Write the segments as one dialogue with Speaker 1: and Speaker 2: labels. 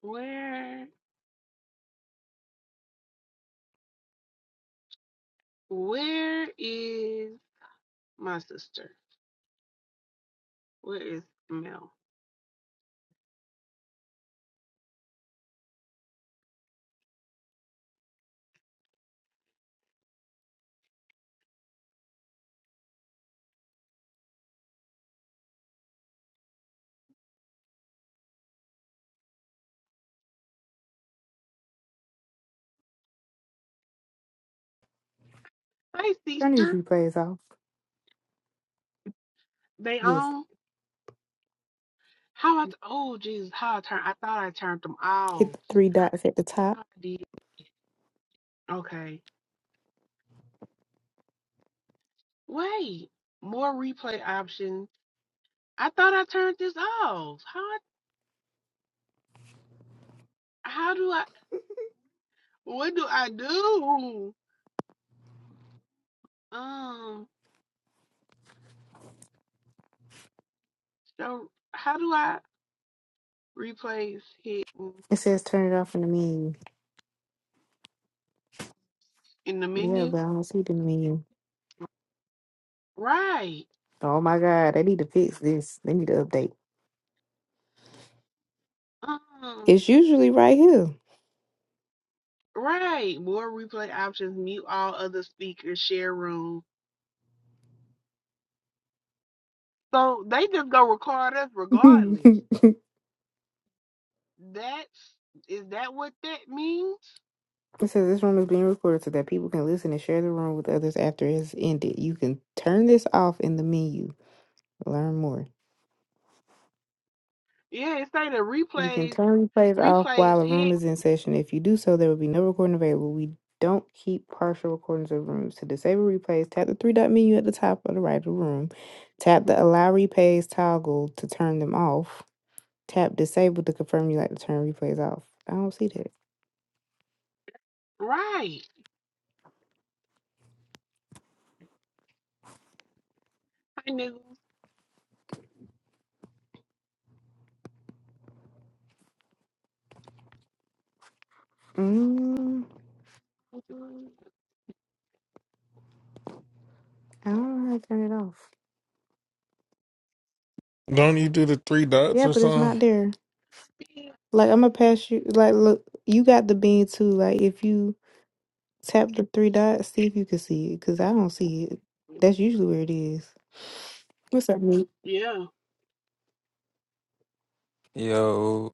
Speaker 1: Where where is my sister? Where is Mel? Hey
Speaker 2: Turn these
Speaker 1: sister.
Speaker 2: replays off.
Speaker 1: They
Speaker 2: Yes.
Speaker 1: on how I oh Jesus, how I turned I thought I turned them
Speaker 2: Hit
Speaker 1: off.
Speaker 2: the three dots at the top.
Speaker 1: How I did okay. Wait. More replay options. I thought I turned this off. How I- how do I what do I do? Um so how do I replace hidden
Speaker 2: It says turn it off in the menu.
Speaker 1: in the
Speaker 2: Yeah,
Speaker 1: menu?
Speaker 2: but I don't see it in the menu.
Speaker 1: Right.
Speaker 2: Oh my God, they need to fix this. They need to update.
Speaker 1: Um
Speaker 2: It's usually right here.
Speaker 1: Right. More replay options, mute all other speakers, share room. So they just gonna record us regardless.
Speaker 2: it
Speaker 1: That's is that what that means?
Speaker 2: says this room is being recorded so that people can listen and share the room with others after it's ended. You can turn this off in the menu. Learn more.
Speaker 1: Yeah, it's saying the
Speaker 2: You can
Speaker 1: replays
Speaker 2: turn replays off
Speaker 1: replays
Speaker 2: while a
Speaker 1: hit
Speaker 2: room is in session. If you do so, there will be no recording available. We don't keep partial recordings of rooms. To disable replays, tap the three dot menu at the top of the right of the room. Tap the allow replays toggle to turn them off. Tap disable to confirm you like to turn replays off. I don't see that.
Speaker 1: right. Hey, niggas.
Speaker 2: Mm, I don't know how to turn it off.
Speaker 3: Don't you do the three dots
Speaker 2: Yeah,
Speaker 3: or
Speaker 2: but it's
Speaker 3: something?
Speaker 2: not there. Like I'm gonna pass you. Like look, you got the bean too. Like if you Tap the three dots, see if you can see it, because I don't see it. That's usually where it is. What's up, Meek?
Speaker 1: Yeah.
Speaker 4: Yo,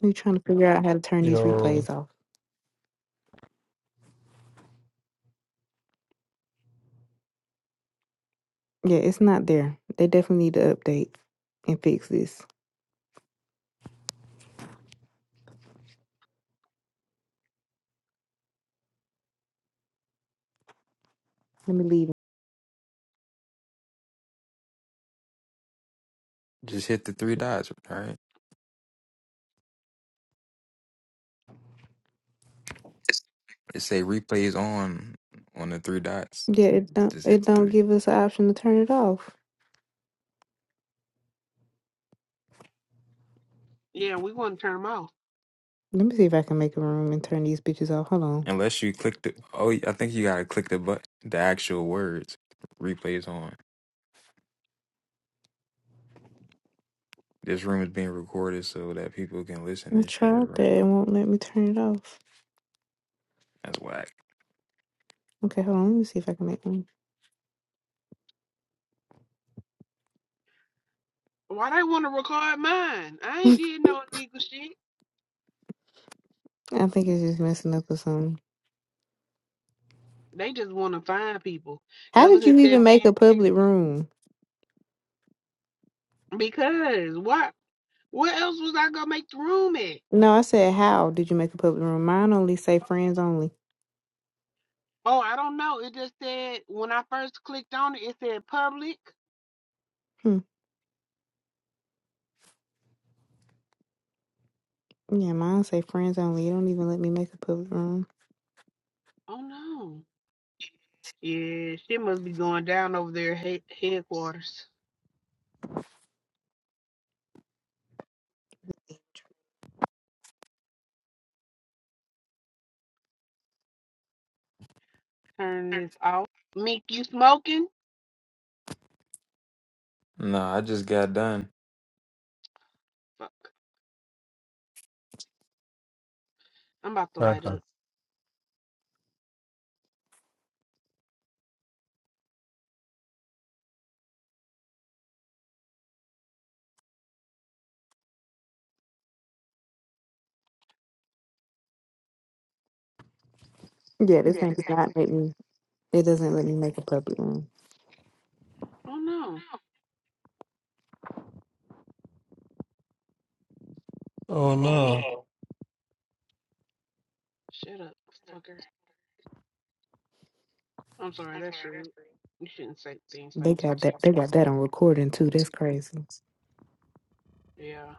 Speaker 2: We trying to figure out how to turn these
Speaker 3: Yo.
Speaker 2: replays off. Yeah, it's not there. They definitely need to update and fix this. Let me leave.
Speaker 4: just hit the three dots, right? It say replays on on the three dots.
Speaker 2: Yeah, it don't
Speaker 4: Just hit
Speaker 2: it
Speaker 4: the
Speaker 2: don't
Speaker 4: three.
Speaker 2: give us an option to turn it off.
Speaker 1: Yeah, we wanna turn them off.
Speaker 2: Let me see if I can make a room and turn these bitches off. Hold on.
Speaker 4: Unless you click the oh, I think you gotta click the but the actual words. Replays on. This room is being recorded so that people can listen
Speaker 2: I
Speaker 4: and shit,
Speaker 2: tried
Speaker 4: bro.
Speaker 2: that. It won't let me turn it off.
Speaker 4: That's whack.
Speaker 2: Okay, hold on. Let me see if I can make one.
Speaker 1: Why they wanna record mine? I ain't did no illegal shit.
Speaker 2: I think it's just messing up or something.
Speaker 1: They just wanna find people.
Speaker 2: How
Speaker 1: Ever
Speaker 2: did you
Speaker 1: since that
Speaker 2: even make
Speaker 1: man
Speaker 2: a public room?
Speaker 1: because what what else was I gonna make the room at?
Speaker 2: No, I said how did you make a public room? Mine only say friends only.
Speaker 1: Oh, I don't know. It just said when I first clicked on it, it said public.
Speaker 2: Hmm. Yeah, mine say friends only. It don't even let me make a public room.
Speaker 1: Oh no. Yeah, shit must be going down over there he- headquarters. Turn this off. Meek, you smoking?
Speaker 4: Nah, I just got done.
Speaker 1: Fuck. I'm about to light
Speaker 3: Uh-huh.
Speaker 1: up.
Speaker 2: Yeah, this ain't not let me. It doesn't let me make a public room.
Speaker 1: Oh no.
Speaker 3: Oh
Speaker 4: Bro,
Speaker 3: no.
Speaker 1: Shut up, fucker. I'm sorry, that's rude. You shouldn't say things like
Speaker 2: They
Speaker 1: that
Speaker 2: got
Speaker 1: to you.
Speaker 2: that. They got that on recording too. That's crazy.
Speaker 1: Yeah.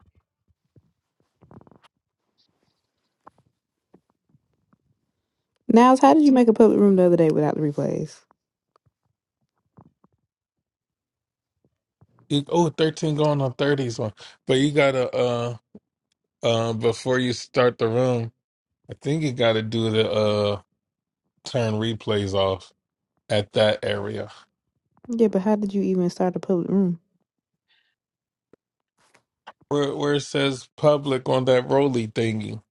Speaker 2: Now, so how did you make a public room the other day without the replays?
Speaker 3: You, oh, thirteen going on 30s one. But you gotta uh uh before you start the room, I think you gotta do the uh turn replays off at that area.
Speaker 2: Yeah, but how did you even start a public room?
Speaker 3: Where where it says public on that roly thingy.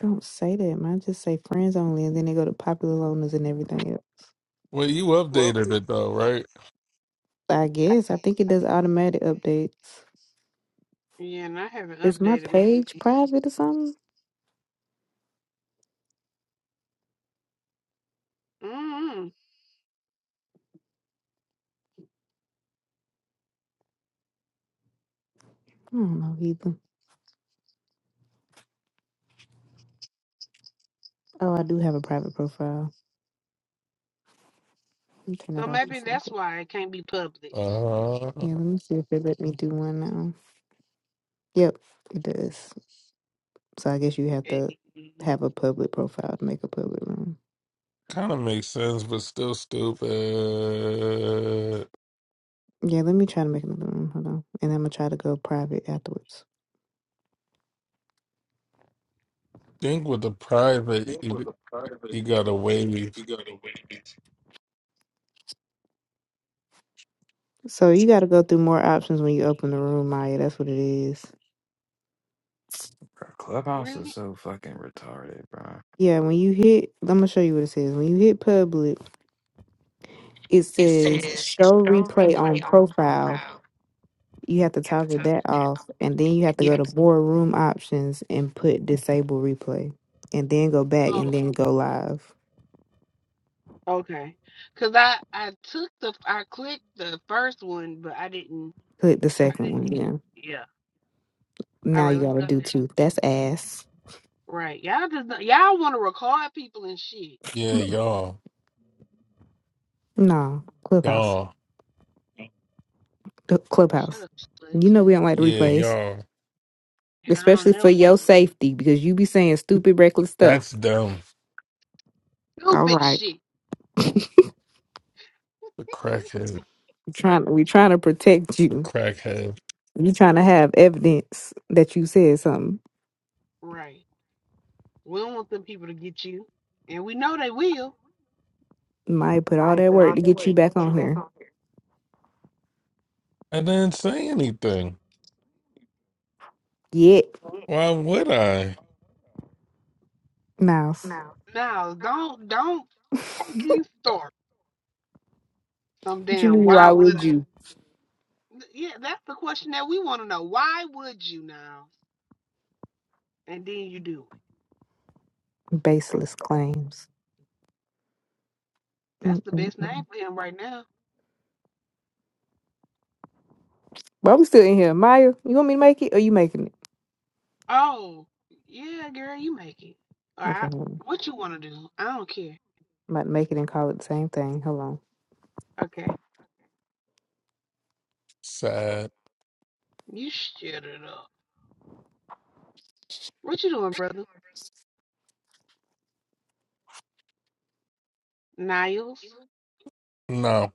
Speaker 2: Don't say that. Mine just say friends only, and then they go to popular loners and everything else.
Speaker 3: Well you updated it though, right?
Speaker 2: I guess I think it does automatic updates.
Speaker 1: Yeah, and I haven't
Speaker 2: Is my
Speaker 1: updated my
Speaker 2: page private or something?
Speaker 1: mm
Speaker 2: I don't know either. Oh, I do have a private profile. Let me turn
Speaker 1: So
Speaker 2: that off and
Speaker 1: maybe
Speaker 2: see. if
Speaker 1: that's
Speaker 2: it-
Speaker 1: why it can't be public.
Speaker 3: Uh
Speaker 2: Yeah, let me see if it let me do one now. Yep, it does. So I guess you have
Speaker 1: Eh,
Speaker 2: to have a public profile to make a public room.
Speaker 3: kinda makes sense, but still stupid.
Speaker 2: Yeah, let me try to make another room. Hold on. And I'm gonna try to go private afterwards.
Speaker 3: Think with the private you, you gotta wave.
Speaker 2: So you gotta go through more options when you open the room, Maya. That's what it is.
Speaker 4: Clubhouse
Speaker 1: Really?
Speaker 4: is so fucking retarded, bro.
Speaker 2: Yeah, when you hit I'm gonna show you what it says. When you hit public, it
Speaker 4: It
Speaker 2: says
Speaker 4: says
Speaker 2: show
Speaker 4: show
Speaker 2: replay on
Speaker 4: replay on
Speaker 2: profile.
Speaker 4: profile.
Speaker 2: You have to
Speaker 4: You have to
Speaker 2: toggle
Speaker 4: toggle
Speaker 2: that
Speaker 4: that
Speaker 2: off,
Speaker 4: on.
Speaker 2: and then you have to
Speaker 4: You
Speaker 2: go
Speaker 4: have
Speaker 2: to
Speaker 4: to.
Speaker 2: boardroom options and put disable replay, and then go back
Speaker 1: Oh,
Speaker 2: and then go live.
Speaker 1: Okay. Cause I I took the I clicked the first one, but I didn't
Speaker 2: Click the
Speaker 1: I
Speaker 2: second one.
Speaker 1: didn't.
Speaker 2: Yeah.
Speaker 1: Yeah. All
Speaker 2: Now
Speaker 1: right,
Speaker 2: you
Speaker 1: let's
Speaker 2: gotta
Speaker 1: go
Speaker 2: do
Speaker 1: there.
Speaker 2: two. That's ass.
Speaker 1: Right. Y'all just not- y'all want to record people and shit.
Speaker 3: Yeah, y'all.
Speaker 2: No, Clubhouse.
Speaker 3: Y'all,
Speaker 2: Cl-
Speaker 1: Shut
Speaker 2: Clubhouse.
Speaker 1: up, slut.
Speaker 2: You know we don't like the
Speaker 3: yeah,
Speaker 2: replays,
Speaker 3: y'all.
Speaker 1: And I don't
Speaker 2: especially for
Speaker 1: never want
Speaker 2: your safety because you be saying stupid, reckless
Speaker 3: That's
Speaker 2: stuff.
Speaker 3: dumb.
Speaker 2: All
Speaker 1: stupid
Speaker 2: right,
Speaker 1: shit.
Speaker 3: The crackhead,
Speaker 2: we trying we trying to protect
Speaker 3: the
Speaker 2: you.
Speaker 3: crackhead.
Speaker 2: You trying to have evidence that you said something.
Speaker 1: Right. We don't want them people to get you, and we know they will.
Speaker 2: Might put all
Speaker 4: Might
Speaker 2: that
Speaker 4: put
Speaker 2: work
Speaker 4: all
Speaker 2: to
Speaker 4: that
Speaker 2: get
Speaker 4: work.
Speaker 2: you back
Speaker 4: She
Speaker 2: on
Speaker 4: back
Speaker 2: here.
Speaker 4: on
Speaker 3: I didn't say anything.
Speaker 2: Yet,
Speaker 4: here.
Speaker 3: Why would I?
Speaker 2: Miles.
Speaker 4: No.
Speaker 1: Now, don't don't fucking start some
Speaker 2: What you
Speaker 1: damn.
Speaker 2: mean?
Speaker 1: Why
Speaker 2: Why
Speaker 1: would
Speaker 2: would you?
Speaker 1: I? Th- Yeah, that's the question that we want to know. Why would you now? And then you do it.
Speaker 2: Baseless claims.
Speaker 1: That's the best
Speaker 2: Mm-mm-mm.
Speaker 1: name for him right now.
Speaker 2: But I'm still in here. Maya, you want me to make it? Or you making it?
Speaker 1: Oh, yeah, girl, you make it. All
Speaker 2: Okay,
Speaker 1: right.
Speaker 2: hold on.
Speaker 1: What you want to do? I don't care.
Speaker 2: I'm about to make it and call it the same thing. Hold on.
Speaker 1: Okay.
Speaker 3: Sad.
Speaker 1: You shut it up. What you doing, brother? Niles?
Speaker 4: No.
Speaker 3: No.